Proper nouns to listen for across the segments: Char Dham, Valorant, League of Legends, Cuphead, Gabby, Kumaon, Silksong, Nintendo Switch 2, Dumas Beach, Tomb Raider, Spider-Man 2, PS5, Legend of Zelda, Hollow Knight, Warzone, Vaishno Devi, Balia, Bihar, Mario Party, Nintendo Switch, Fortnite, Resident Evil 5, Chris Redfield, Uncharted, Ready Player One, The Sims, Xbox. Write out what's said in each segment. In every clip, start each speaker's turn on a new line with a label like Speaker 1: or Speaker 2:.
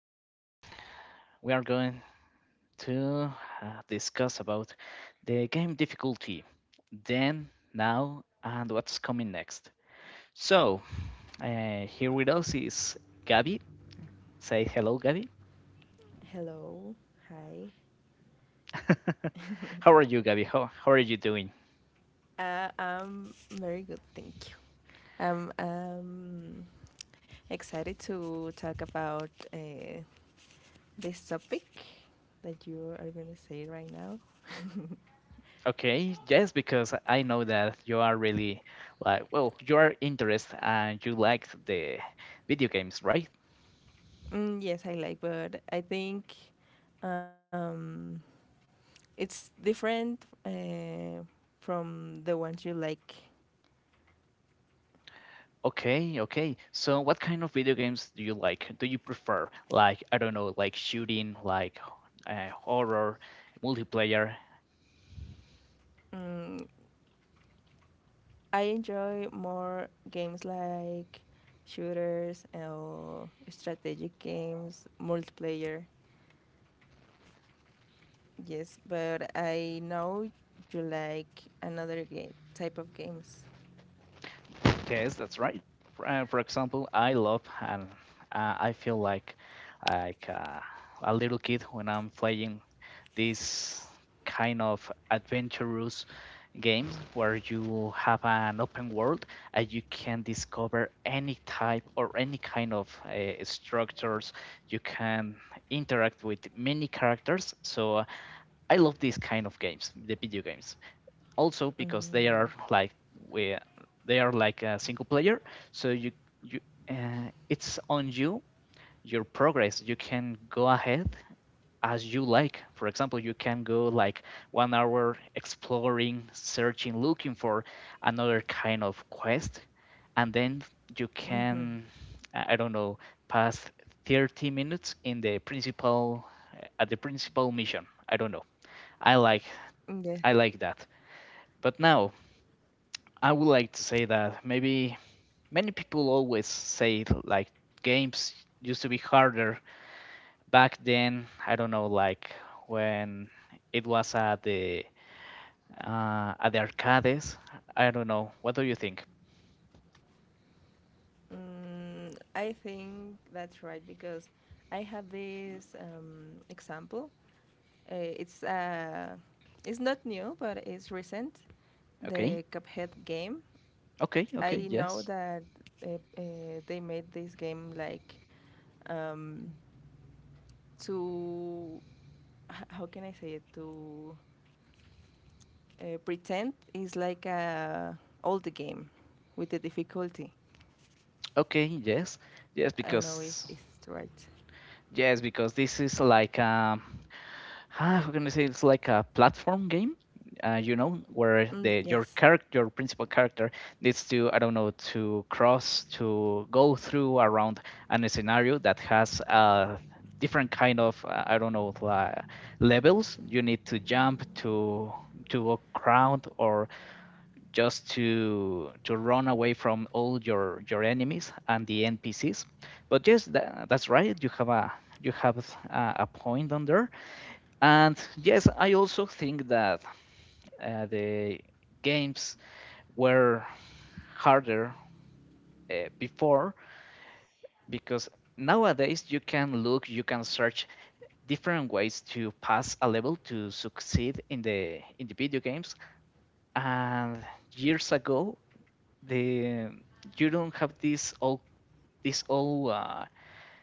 Speaker 1: well, we are going to discuss about the game difficulty, then, now, and what's coming next. So, here with us is Gabby. Say hello, Gabby. How are you, Gabby? How are you doing?
Speaker 2: I'm very good, thank you. I'm excited to talk about this topic that you are going to say right now.
Speaker 1: Okay, yes, because I know that you are really like, well, you are interested and you like the video games, right?
Speaker 2: Mm, yes, I like, but I think um, it's different from the ones you like.
Speaker 1: Okay, okay. So what kind of video games do you like? Do you prefer? Like, I don't know, like shooting, like horror, multiplayer.
Speaker 2: Mm, I enjoy more games like shooters or strategic games, multiplayer. Yes, but I know you like another game, type of games.
Speaker 1: Yes, that's right. For example, I love and I feel like like uh, a little kid when I'm playing this kind of adventurous games where you have an open world and you can discover any type or any kind of structures. You can interact with many characters. So I love these kind of games, the video games. Also because
Speaker 2: Mm,
Speaker 1: we, they are like a single player, so you it's on your progress. You can go ahead as you like. For example, you can go like 1 hour exploring, searching, looking for another kind of quest, and then you
Speaker 2: mhm.
Speaker 1: can, I don't know, pass 30 minutes in the principal at the principal mission. I don't know. I like
Speaker 2: Yeah.
Speaker 1: I like that. But now I would like to say that maybe many people always say like games used to be harder back then. I don't know, like when it was at the arcades. I don't know. What do you think?
Speaker 2: Mm, I think that's right because I have this example. It's it's not new, but it's recent.
Speaker 1: Okay,
Speaker 2: The Cuphead game.
Speaker 1: okay. Okay,
Speaker 2: I know
Speaker 1: yes.
Speaker 2: that they made this game like um, to how can I say it to pretend is like a old game with the difficulty.
Speaker 1: Okay, yes. yes,
Speaker 2: I don't know if
Speaker 1: because
Speaker 2: it's right.
Speaker 1: yes, because this is like, how can I say? It's like a platform game. Where
Speaker 2: Mm,
Speaker 1: the your
Speaker 2: yes.
Speaker 1: character, your principal character, needs to, I don't know, to go through around an scenario that has different kind of I don't know, like levels. You need to jump to a crowd or just to run away from all your enemies and the NPCs. But yes, that's right. You have a point on there. And yes, I also think that the games were harder before, because nowadays you can look, you can search different ways to pass a level to succeed in the video games. And years ago, the you don't have this whole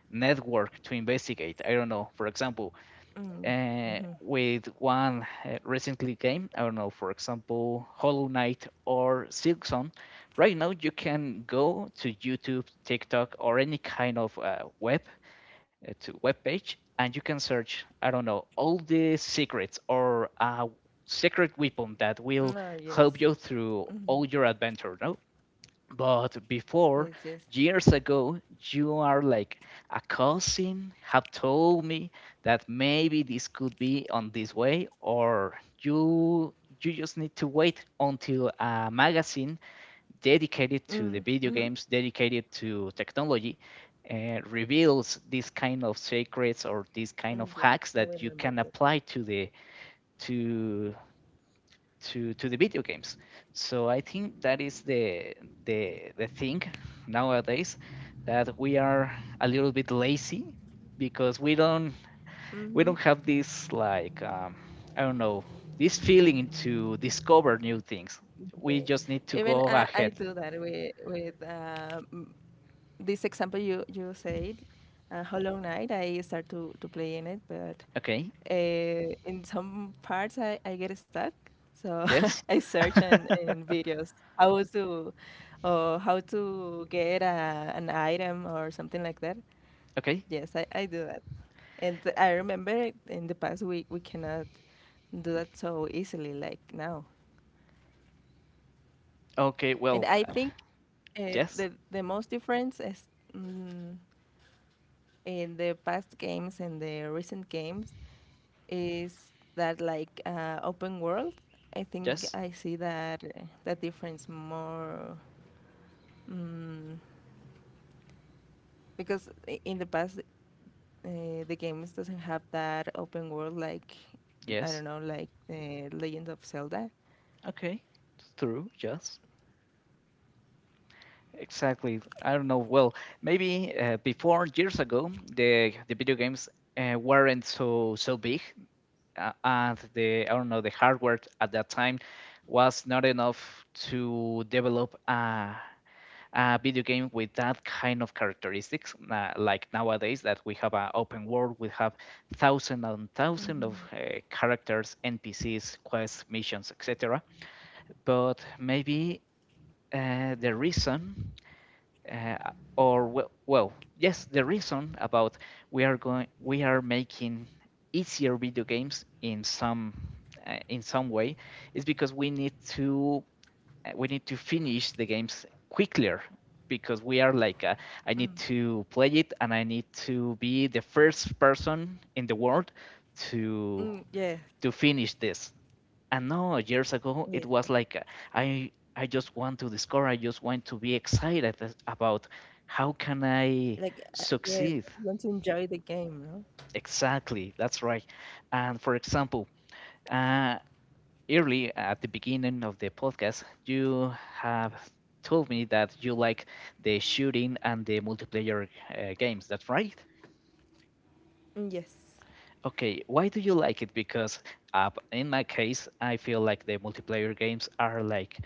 Speaker 1: network to investigate. I don't know. For example,
Speaker 2: Mm, mm-hmm.
Speaker 1: with one recently game, I don't know. For example, Hollow Knight or Silksong. Right now, you can go to YouTube, TikTok, or any kind of web page, and you can search. I don't know, all the secrets or secret weapon that will
Speaker 2: Ah,
Speaker 1: help
Speaker 2: yes.
Speaker 1: you through
Speaker 2: Mm,
Speaker 1: all your adventure. No, but before,
Speaker 2: yes, yes.
Speaker 1: years ago, you are like, a cousin have told me that maybe this could be on this way, or you just need to wait until a magazine dedicated to the
Speaker 2: Mm,
Speaker 1: video
Speaker 2: mm-hmm.
Speaker 1: games, dedicated to technology, reveals this kind of secrets or this kind of
Speaker 2: Mm, yeah,
Speaker 1: hacks
Speaker 2: I
Speaker 1: that you
Speaker 2: remember
Speaker 1: can
Speaker 2: that.
Speaker 1: apply to to the video games. So I think that is the thing nowadays, that we are a little bit lazy because we
Speaker 2: Mm-hmm.
Speaker 1: don't have this like, I don't know, this feeling to discover new things. We
Speaker 2: Yes.
Speaker 1: just need to
Speaker 2: Even
Speaker 1: go
Speaker 2: I
Speaker 1: ahead.
Speaker 2: do that with this example you said, Hollow Knight, I start to play in it, but
Speaker 1: Okay.
Speaker 2: in some parts I get stuck. So
Speaker 1: Yes.
Speaker 2: I search in videos how to or how to get an item or something like that.
Speaker 1: Okay.
Speaker 2: Yes, I do that. And I remember in the past we cannot do that so easily like now.
Speaker 1: Okay.
Speaker 2: And
Speaker 1: Well.
Speaker 2: I think
Speaker 1: Yes.
Speaker 2: the most difference is mm, in the past games and the recent games is that like open world. I think
Speaker 1: Yes.
Speaker 2: I see that that difference more mm, because in the past the games doesn't have that open world like I don't
Speaker 1: Yes.
Speaker 2: know like the Legend of Zelda.
Speaker 1: Okay. True. Yes. Exactly. I don't know. Well, maybe before years ago, the video games weren't so, so big, and the I don't know, the hardware at that time was not enough to develop a video game with that kind of characteristics. Like nowadays, that we have an open world, we have thousands and thousands of
Speaker 2: Mhm.
Speaker 1: characters, NPCs, quests, missions, etc. But maybe the reason uh, or well, yes, the reason about we are making easier video games in some way is because we need to finish the games quicker because we are like, I need
Speaker 2: Mm,
Speaker 1: to play it and I need to be the first person in the world to
Speaker 2: mm, yes,
Speaker 1: finish this. And no, years ago it
Speaker 2: yes,
Speaker 1: was
Speaker 2: yes.
Speaker 1: like, i I just want to discover, I just want to be excited about how can I
Speaker 2: Like yes,
Speaker 1: succeed.
Speaker 2: I want to enjoy the game, no?
Speaker 1: Exactly, that's right. And for example, uh early at the beginning of the podcast you have told me that you like the shooting and the multiplayer games, that's right.
Speaker 2: Mm, yes.
Speaker 1: Okay, why do you like it? Because in my case, I feel like the multiplayer games are like,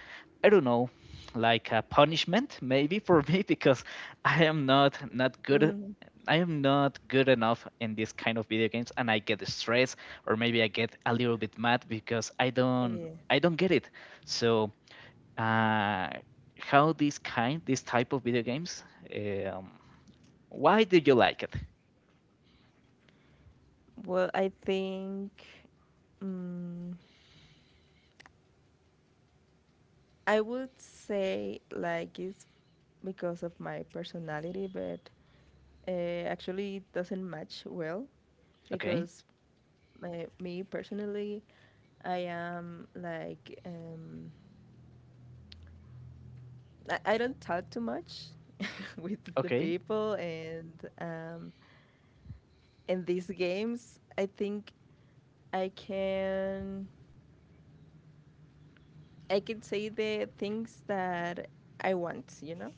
Speaker 1: I don't know, like a punishment maybe for me because I am not good.
Speaker 2: Mm,
Speaker 1: I am not good enough in this kind of video games, and I get stressed, or maybe I get a little bit mad because
Speaker 2: yes.
Speaker 1: I don't get it. So, uh, how this type of video games, um, why do you like it?
Speaker 2: Well, I think. Mm, I would say like it's because of my personality, but uh, actually it doesn't match well
Speaker 1: Okay,
Speaker 2: because me personally, I am like I don't talk too much with the
Speaker 1: okay,
Speaker 2: people, and um, in these games, I think I can I can say the things that I want, you know.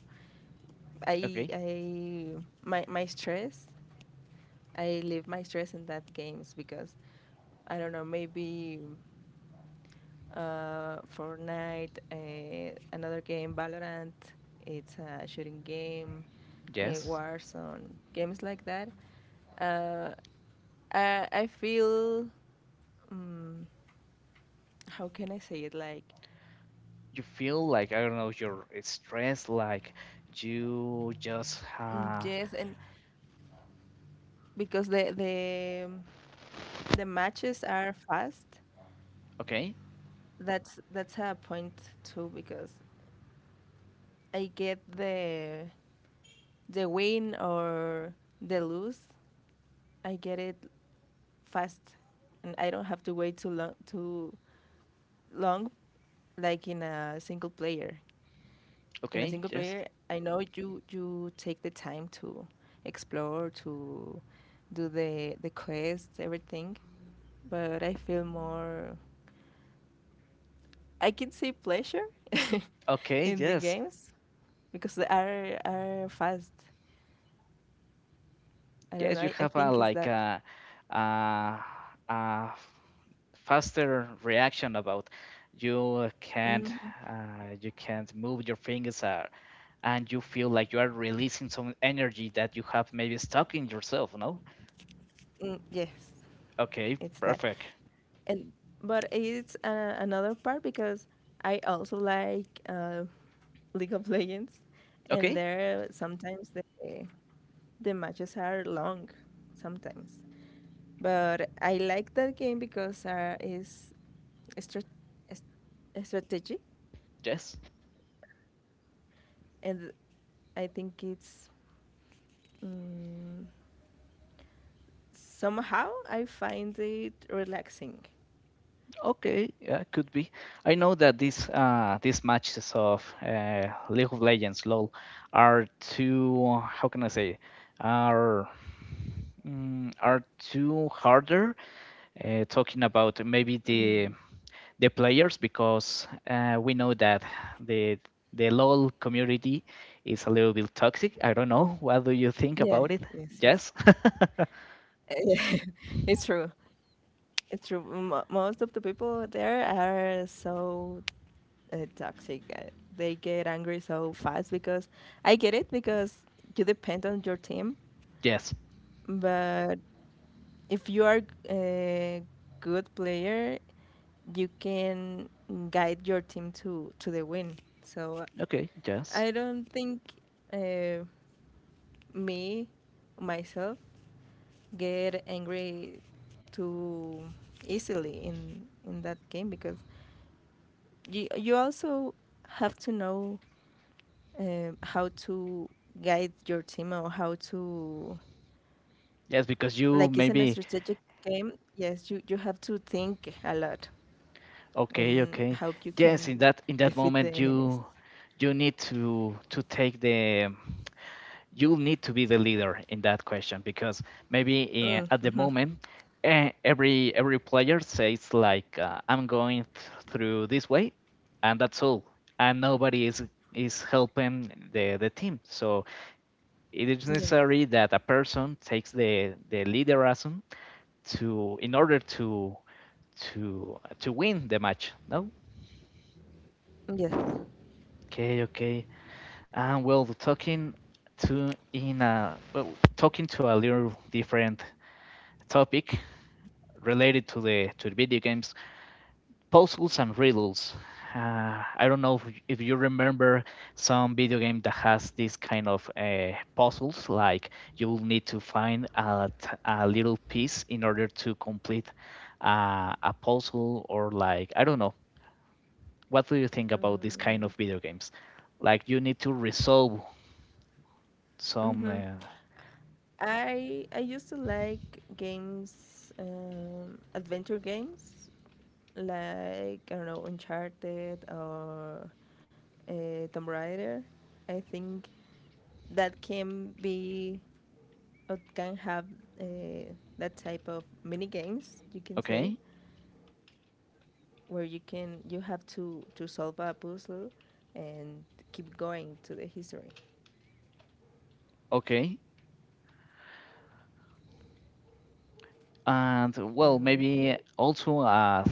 Speaker 2: I
Speaker 1: okay.
Speaker 2: I my stress, I leave my stress in that games because I don't know maybe Fortnite, another game Valorant, it's a shooting game,
Speaker 1: Yes.
Speaker 2: Warzone, games like that. Uh, I feel um, how can I say it like
Speaker 1: You feel like, I don't know, you're stressed, like you just
Speaker 2: mm, yes, and because the the matches are fast,
Speaker 1: okay,
Speaker 2: that's a point too because I get the win or the lose, I get it fast, and I don't have to wait too long, like in a single player. In a
Speaker 1: okay.
Speaker 2: single
Speaker 1: Yes.
Speaker 2: player, I know you take the time to explore, to do the quests, everything. But I feel more, I can say pleasure
Speaker 1: Okay.
Speaker 2: in the
Speaker 1: Yes.
Speaker 2: games because they are fast. I don't know.
Speaker 1: Yes. You
Speaker 2: I
Speaker 1: have a,
Speaker 2: think it's
Speaker 1: like,
Speaker 2: that.
Speaker 1: a, a faster reaction about you can't
Speaker 2: Mm,
Speaker 1: you can't move your fingers, and you feel like you are releasing some energy that you have maybe stuck in yourself. No,
Speaker 2: mm, yes,
Speaker 1: okay,
Speaker 2: it's that.
Speaker 1: perfect.
Speaker 2: And but it's another part because I also like League of Legends, and
Speaker 1: Okay,
Speaker 2: there sometimes the matches are long, sometimes. But I like that game because it's strat- strategy,
Speaker 1: yes.
Speaker 2: and I think it's mm, somehow I find it relaxing.
Speaker 1: Okay, yeah, could be. I know that these matches of League of Legends (LoL) are, too how can I say, are are too harder. Talking about maybe the players because we know that the the LoL community is a little bit toxic. I don't know. What do you think
Speaker 2: Yeah.
Speaker 1: about it?
Speaker 2: Yes. Yes.
Speaker 1: Yes.
Speaker 2: Yeah, it's true. It's true. Most of the people there are so toxic. They get angry so fast because I get it because you depend on your team.
Speaker 1: Yes.
Speaker 2: But if you are a good player, you can guide your team to the win. So
Speaker 1: Okay. Yes.
Speaker 2: I don't think uh, me myself get angry too easily in that game because you also have to know how to guide your team or how to
Speaker 1: Yes, because you
Speaker 2: like it's a
Speaker 1: maybe.
Speaker 2: strategic game. Yes, you have to think a lot
Speaker 1: Okay,
Speaker 2: and
Speaker 1: okay.
Speaker 2: how you
Speaker 1: Yes, in
Speaker 2: can
Speaker 1: that
Speaker 2: defeat the
Speaker 1: moment
Speaker 2: enemies.
Speaker 1: you need to to take the you'll need to be the leader in that question, because maybe
Speaker 2: Mm,
Speaker 1: at the
Speaker 2: mm-hmm.
Speaker 1: moment every player says like, I'm going through this way and that's all and nobody is helping the team. So it is
Speaker 2: Yes.
Speaker 1: necessary that a person takes the leaderism to in order to win the match. No?
Speaker 2: Yes.
Speaker 1: Okay, okay. Well, to in a well, talking to a little different topic related to the video games, puzzles and riddles. I don't know if you remember some video game that has this kind of puzzles, like you'll need to find a little piece in order to complete a puzzle, or like I don't know. What do you think about this kind
Speaker 2: Mm,
Speaker 1: of video games? Like you need to resolve some.
Speaker 2: mm-hmm. I used to like games adventure games like I don't know Uncharted or Tomb Raider. I think that can be or can have uh, that type of mini games you can say
Speaker 1: Okay.
Speaker 2: where you can you have to solve a puzzle and keep going to the history.
Speaker 1: Okay. And
Speaker 2: I
Speaker 1: well,
Speaker 2: don't know if
Speaker 1: maybe
Speaker 2: you
Speaker 1: also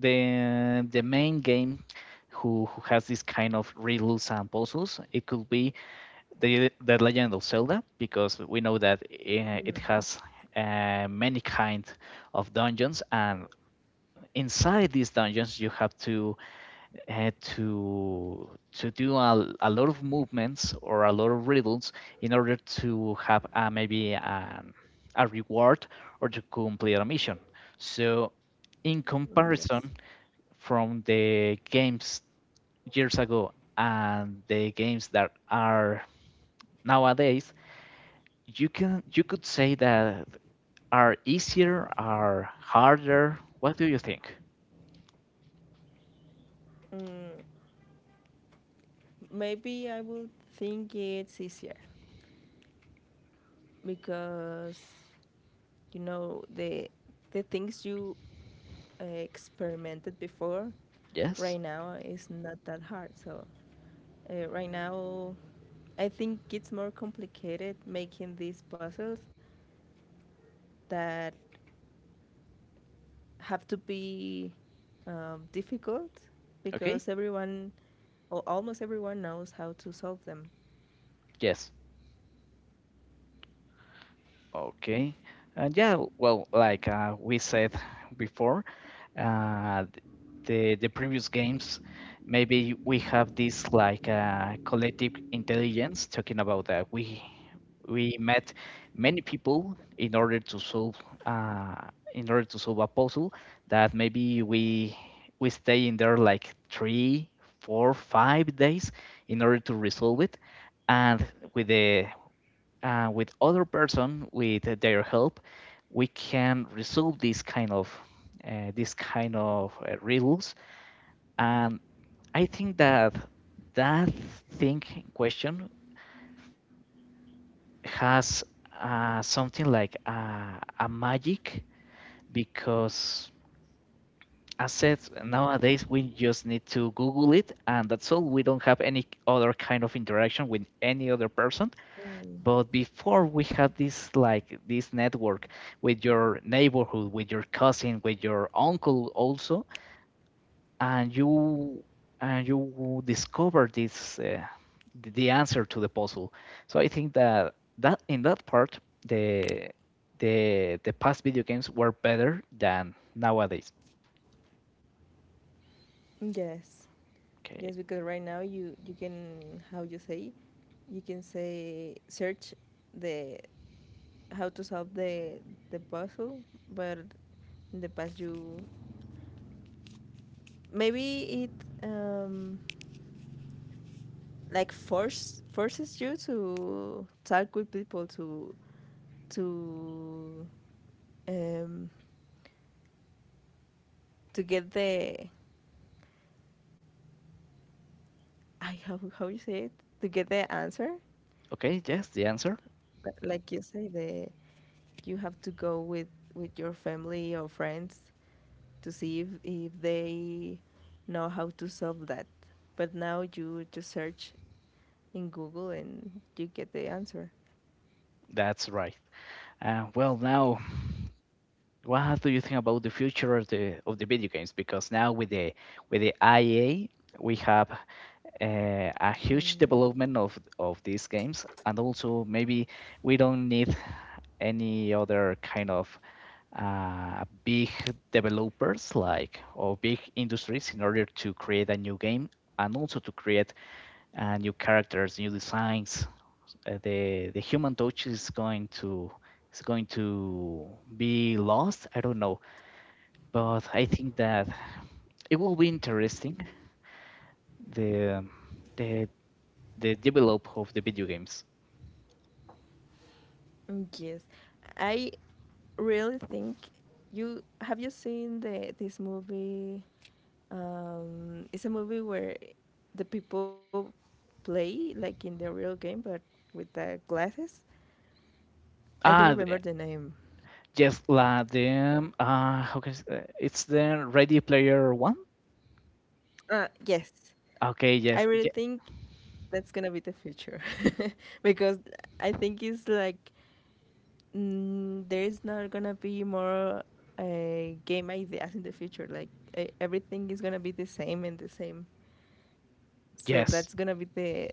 Speaker 1: the main game who has this kind of riddles and puzzles, it could be the Legend of Zelda, because we know that it
Speaker 2: Mhm,
Speaker 1: has many kind of dungeons, and inside these dungeons you have to do a lot of movements or a lot of riddles in order to have, maybe a reward or to complete a mission. So, in
Speaker 2: mm,
Speaker 1: comparison
Speaker 2: yes,
Speaker 1: from the games years ago and the games that are nowadays, you can you could say that are easier, are harder. What do you think?
Speaker 2: mm, maybe I would think it's easier because you know the things you experimented before
Speaker 1: Yes.
Speaker 2: right now is not that hard. So right now, I think it's more complicated making these puzzles that have to be difficult
Speaker 1: Okay.
Speaker 2: because everyone, or almost everyone, knows how to solve them.
Speaker 1: Yes. Okay. Yeah, well, like we said before, uh, the previous games, maybe we have this like, collective intelligence, talking about that we met many people in order to solve, uh, a puzzle, that maybe we stay in there like three, four, 5 days in order to resolve it, and with the with other person, with their help we can resolve these kind of, riddles. And I think that that thing in question has, something like a magic, because as said, nowadays we just need to google it and that's all. We don't have any other kind of interaction with any other person.
Speaker 2: Mm,
Speaker 1: But before, we had this network with your neighborhood, with your cousin, with your uncle also, and you discover this the answer to the puzzle. So I think that, that in that part, the the past video games were better than nowadays.
Speaker 2: yes,
Speaker 1: Okay.
Speaker 2: yes, because right now you can how you say you can say search the how to solve the puzzle, but in the past you maybe it like forces you to talk with people to um to get the I how you say it to get the answer.
Speaker 1: Okay, yes, the answer.
Speaker 2: Like you say the you have to go with your family or friends to see if they know how to solve that, but now you just search in Google and you get the answer.
Speaker 1: That's right. Well, now, what do you think about the future of the video games? Because now with the IA, we have a huge
Speaker 2: Mm,
Speaker 1: development of these games, and also maybe we don't need any other kind of big developers, like, or big industries in order to create a new game and also to create new characters, new designs. The human touch is going to be lost. I don't know. But I think that it will be interesting the the the develop of the video games.
Speaker 2: mm, yes. I really think you have you seen the this movie? It's a movie where the people play like in the real game, but with the glasses. I don't
Speaker 1: Ah, the,
Speaker 2: remember the name.
Speaker 1: yes, la the how can I s- It's the Ready Player One.
Speaker 2: Yes,
Speaker 1: Okay,
Speaker 2: I
Speaker 1: yes,
Speaker 2: really
Speaker 1: ye-
Speaker 2: think that's gonna be the future because I think it's like mm, there's not gonna be more game ideas in the future. Like everything is gonna be the same and the same. So
Speaker 1: yes,
Speaker 2: that's gonna be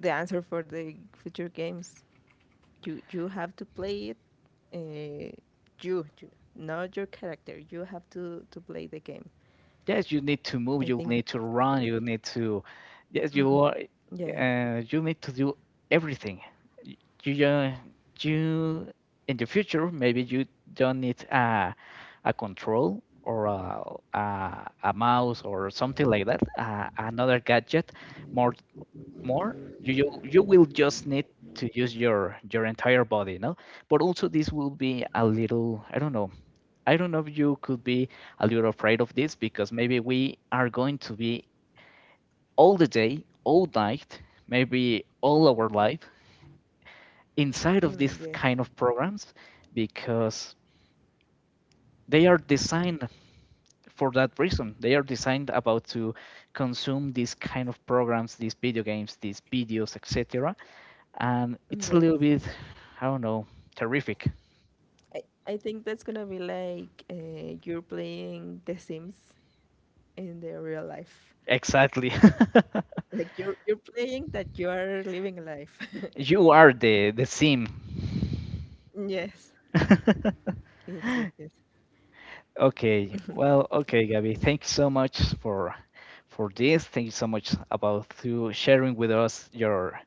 Speaker 2: the answer for the future games. You have to play it. Uh, you not your character. You have to play the game.
Speaker 1: yes. You need to move.
Speaker 2: I
Speaker 1: You
Speaker 2: think
Speaker 1: need to
Speaker 2: that's gonna
Speaker 1: run.
Speaker 2: be
Speaker 1: You need yes, you are.
Speaker 2: yes,
Speaker 1: You need to do everything. You uh, you, in the future maybe you don't need a control or a mouse or something like that, another gadget, more more, you will just need to use your entire body, no? But also this will be a little, I don't know. I don't know if you could be a little afraid of this, because maybe we are going to be all the day, all night, maybe all our life inside of this
Speaker 2: mm,
Speaker 1: kind
Speaker 2: yes,
Speaker 1: of programs, because they are designed for that reason. They are designed about to consume these kind of programs, these video games, these videos, etc. And it's a little
Speaker 2: mm,
Speaker 1: bit,
Speaker 2: yes.
Speaker 1: I don't know, terrific.
Speaker 2: I think that's gonna be like you're playing The Sims in the real life.
Speaker 1: Exactly.
Speaker 2: Like you're playing that you are living a life.
Speaker 1: You are the sim.
Speaker 2: Yes, yes, yes, yes.
Speaker 1: Okay. Well, okay, Gabby. Thank you so much for this. Thank you so much about to sharing with us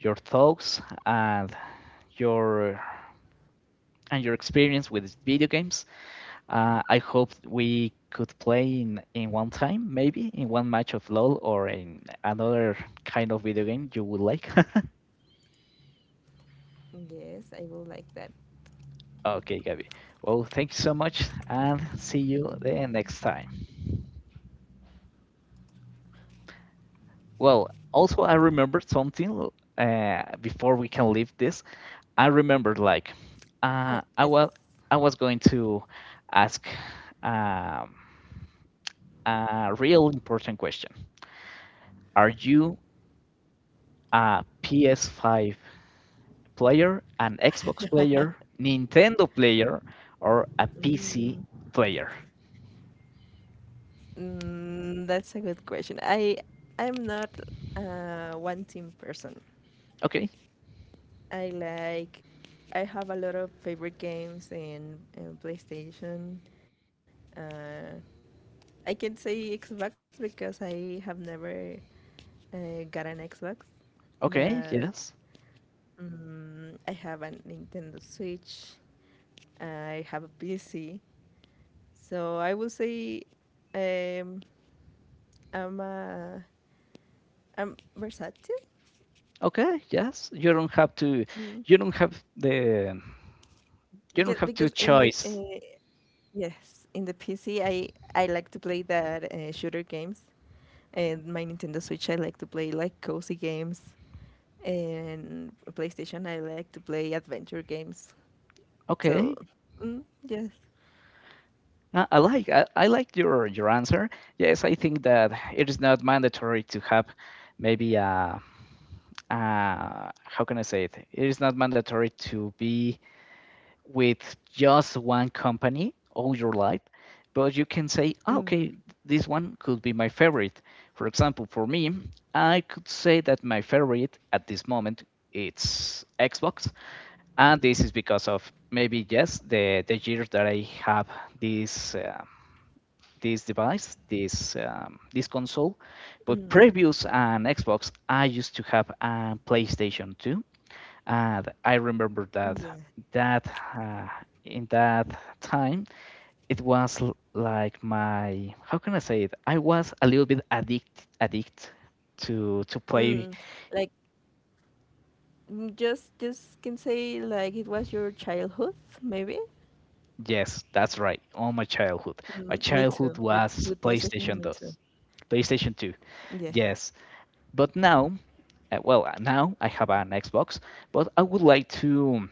Speaker 1: your thoughts your and your experience with video games. I hope we could play in one time, maybe in one match of LOL or in another kind of video game you would like.
Speaker 2: Yes, I will like that.
Speaker 1: Okay, Gabby. Well, thank you so much and see you the next time. Well, also, I remembered something before we can leave this. I remembered like uh,
Speaker 2: Yes.
Speaker 1: I was I was going to ask um, a real important question. Are you a PS5 player, an Xbox player, Nintendo player, or a PC
Speaker 2: Mm.
Speaker 1: player.
Speaker 2: Mm, that's a good question. I'm not a one team person.
Speaker 1: Okay,
Speaker 2: I like I have a lot of favorite games in PlayStation. Uh, I can say Xbox because I have never got an Xbox,
Speaker 1: okay,
Speaker 2: but
Speaker 1: yes.
Speaker 2: mm I have a Nintendo Switch. I have a PC, so I will say um, I'm a, I'm versatile.
Speaker 1: Okay, yes. You don't have to
Speaker 2: Mm.
Speaker 1: you don't have the
Speaker 2: Yeah,
Speaker 1: you don't have
Speaker 2: because
Speaker 1: to
Speaker 2: in the
Speaker 1: choice.
Speaker 2: yes, in the PC, I like to play that shooter games, and my Nintendo Switch, I like to play like cozy games, and PlayStation, I like to play adventure games. So,
Speaker 1: Okay.
Speaker 2: mm, yes,
Speaker 1: I like I like your answer. Yes, I think that it is not mandatory to have maybe a how can I say it? It is not mandatory to be with just one company all your life, but you can say, "Ah,
Speaker 2: mm,
Speaker 1: okay, this one could be my favorite. For example, for me, I could say that my favorite at this moment it's Xbox, and this is because of maybe yes the year that I have this this device, this console, but previous an Xbox, I used to have a PlayStation 2, and I remember that
Speaker 2: yeah,
Speaker 1: that uh, in that time it was like my, how can I say it? I was a little bit addict addict to play.
Speaker 2: mm, like mm, just can say like it was your childhood, maybe.
Speaker 1: Yes, that's right. All my
Speaker 2: Mm, me
Speaker 1: childhood
Speaker 2: too.
Speaker 1: was
Speaker 2: With PlayStation,
Speaker 1: PlayStation
Speaker 2: me
Speaker 1: 2,
Speaker 2: too.
Speaker 1: PlayStation 2.
Speaker 2: Yeah,
Speaker 1: Yes, but now, now I have an Xbox, but I would like to.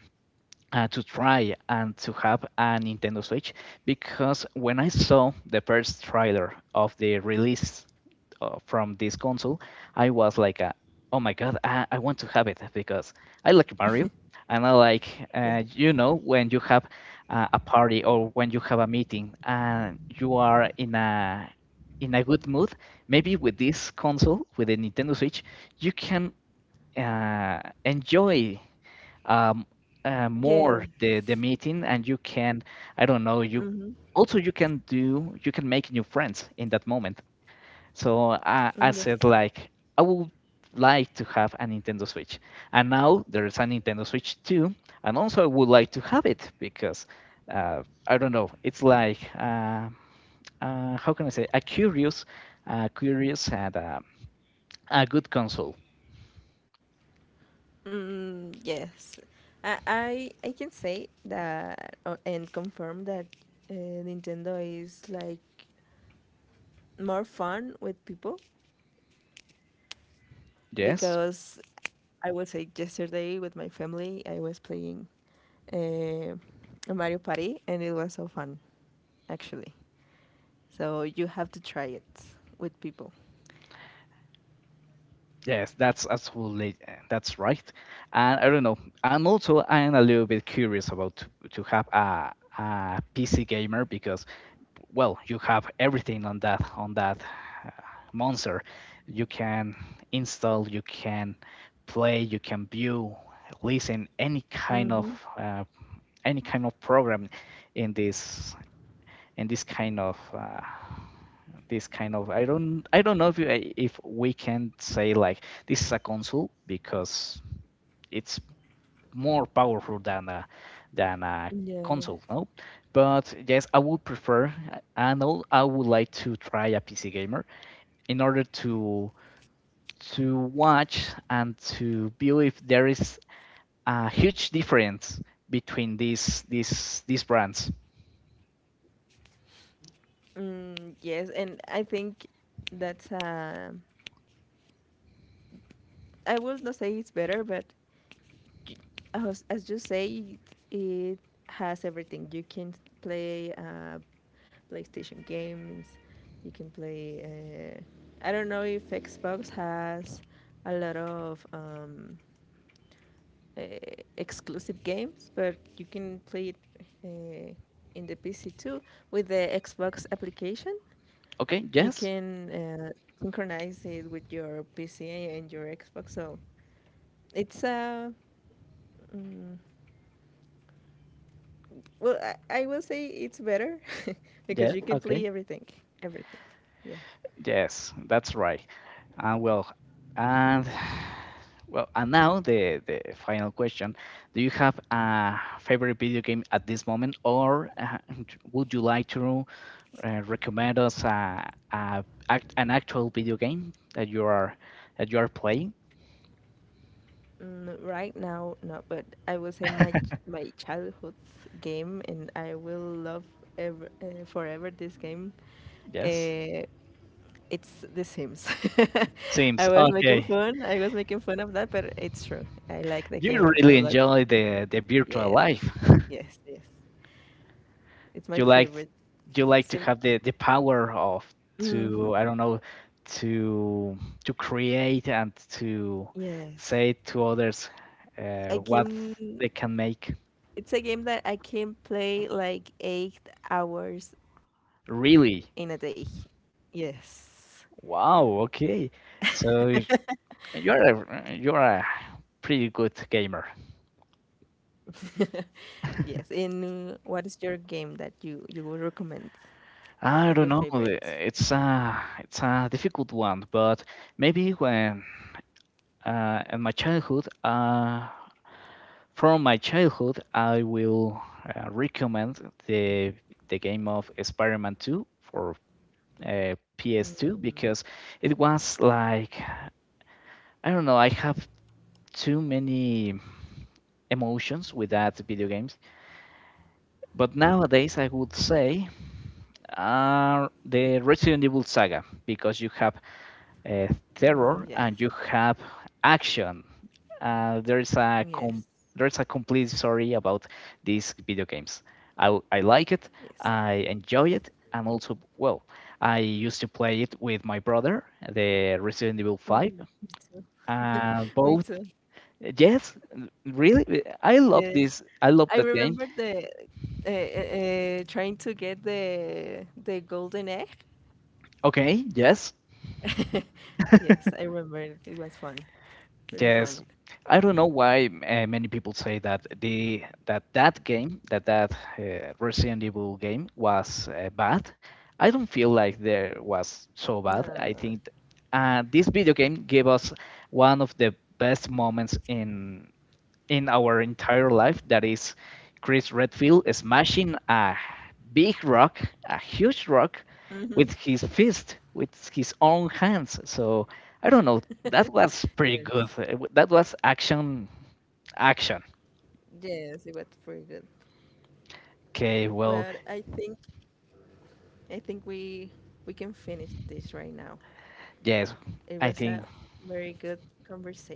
Speaker 1: To try and to have a Nintendo Switch, because when I saw the first trailer of the release from this console, I was like, oh my god, I want to have it because I like Mario and I like,
Speaker 2: yeah,
Speaker 1: you know, when you have a party or when you have a meeting and you are in a good mood, maybe with this console, with the Nintendo Switch, you can enjoy um,
Speaker 2: yeah.
Speaker 1: more the meeting, and you I don't know, you
Speaker 2: Mm-hmm.
Speaker 1: also you can do you can make new friends in that moment. So I
Speaker 2: Mm,
Speaker 1: said
Speaker 2: yes.
Speaker 1: like I would like to have a Nintendo Switch, and now there is a Nintendo Switch 2, and also I would like to have it because uh, I don't know, it's like how can I say, a curious, curious and a good console.
Speaker 2: Mm, yes, I can say that and confirm that uh, Nintendo is like more fun with people
Speaker 1: Yes.
Speaker 2: because I was say yesterday with my family I was playing uh, Mario Party and it was so fun actually. So you have to try it with people.
Speaker 1: Yes, that's absolutely that's right. And I don't know. And also, I am a little bit curious about to have a PC gamer because, well, you have everything on that uh, monster. You can install, you can play, you can view, listen
Speaker 2: Mm-hmm.
Speaker 1: uh, any kind of program in this, and this kind of this kind of, I don't know if you, if we can say like this is a console because it's more powerful than a
Speaker 2: Yeah.
Speaker 1: console, no? But yes, I would prefer, and al- I would like to try a PC gamer in order to watch and to view if there is a huge difference between these brands.
Speaker 2: Mm, yes, and I think that's I will not say it's better, but as you say, it has everything. You can play PlayStation games. You can play. Uh, I don't know if Xbox has a lot of uh, exclusive games, but you can play it uh, in the PC too with the Xbox application.
Speaker 1: Okay,
Speaker 2: You
Speaker 1: yes.
Speaker 2: can synchronize it with your PC and your Xbox. So it's a mm, well, I will say it's better because
Speaker 1: Yeah,
Speaker 2: you can play
Speaker 1: okay.
Speaker 2: everything, everything. Yeah.
Speaker 1: Yes, that's right. Well, and well, and now the final question: Do you have a favorite video game at this moment, or would you like to recommend us an actual video game that you are playing?
Speaker 2: Mm, right now, no, but I will say my my childhood game, and I will love ever forever this game.
Speaker 1: Yes,
Speaker 2: Uh, it's The Sims.
Speaker 1: Sims.
Speaker 2: I was making
Speaker 1: Okay,
Speaker 2: fun. I was making fun of that, but it's true. I like the
Speaker 1: you
Speaker 2: game
Speaker 1: really
Speaker 2: a lot.
Speaker 1: enjoy the virtual
Speaker 2: Yes,
Speaker 1: life.
Speaker 2: yes, yes. It's my
Speaker 1: You like
Speaker 2: favorite.
Speaker 1: you like to
Speaker 2: Sim.
Speaker 1: have the power of to
Speaker 2: Hmm.
Speaker 1: I don't know to to create and to
Speaker 2: Yes.
Speaker 1: say to others
Speaker 2: I
Speaker 1: what
Speaker 2: can.
Speaker 1: they can make.
Speaker 2: It's a game that I can play like 8 hours in a
Speaker 1: Really?
Speaker 2: day. Yes.
Speaker 1: Wow. Okay. So you're a pretty good gamer.
Speaker 2: Yes. And what is your game that you would recommend?
Speaker 1: I
Speaker 2: Like
Speaker 1: don't
Speaker 2: your
Speaker 1: know.
Speaker 2: favorite?
Speaker 1: It's a difficult one, but maybe when uh, in my childhood, uh, from my childhood, I will recommend the the game of Spider-Man 2 for PS2 because it was like, I don't know, I have too many emotions with that video games. But nowadays, I would say are the Resident Evil saga because you have uh,
Speaker 2: Oh,
Speaker 1: terror
Speaker 2: yes.
Speaker 1: and you have action. Uh, there's a
Speaker 2: Yes.
Speaker 1: com- there's a complete story about these video games. I like it,
Speaker 2: Yes.
Speaker 1: I enjoy it, and also, well, I used to play it with my brother, the Resident Evil
Speaker 2: Mm,
Speaker 1: 5.
Speaker 2: me too. Me
Speaker 1: Both,
Speaker 2: too.
Speaker 1: yes, really, I love
Speaker 2: Yes.
Speaker 1: this. I love
Speaker 2: I
Speaker 1: that game.
Speaker 2: remember the trying to get the golden egg.
Speaker 1: Okay, yes,
Speaker 2: Yes, I remember it. It was fun. Really
Speaker 1: yes.
Speaker 2: fun.
Speaker 1: I don't know why many people say that the that that game that that Resident Evil game was bad. I don't feel like there was so bad.
Speaker 2: No.
Speaker 1: I think this video game gave us one of the best moments in our entire life that is Chris Redfield smashing a big rock, a huge rock,
Speaker 2: Hmm.
Speaker 1: with his fist, with his own hands. So I don't know. That was pretty
Speaker 2: Yes.
Speaker 1: good. That was action, action.
Speaker 2: Yes, it was pretty good.
Speaker 1: Okay,
Speaker 2: But
Speaker 1: well,
Speaker 2: I think we can finish this right now.
Speaker 1: yes,
Speaker 2: It was a
Speaker 1: I think.
Speaker 2: very good conversation.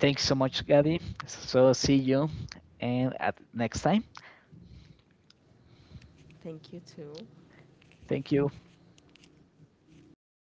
Speaker 1: Thanks so much, Gabby. So see you, and at next time.
Speaker 2: Thank you too.
Speaker 1: Thank you
Speaker 2: Thank you. Bye.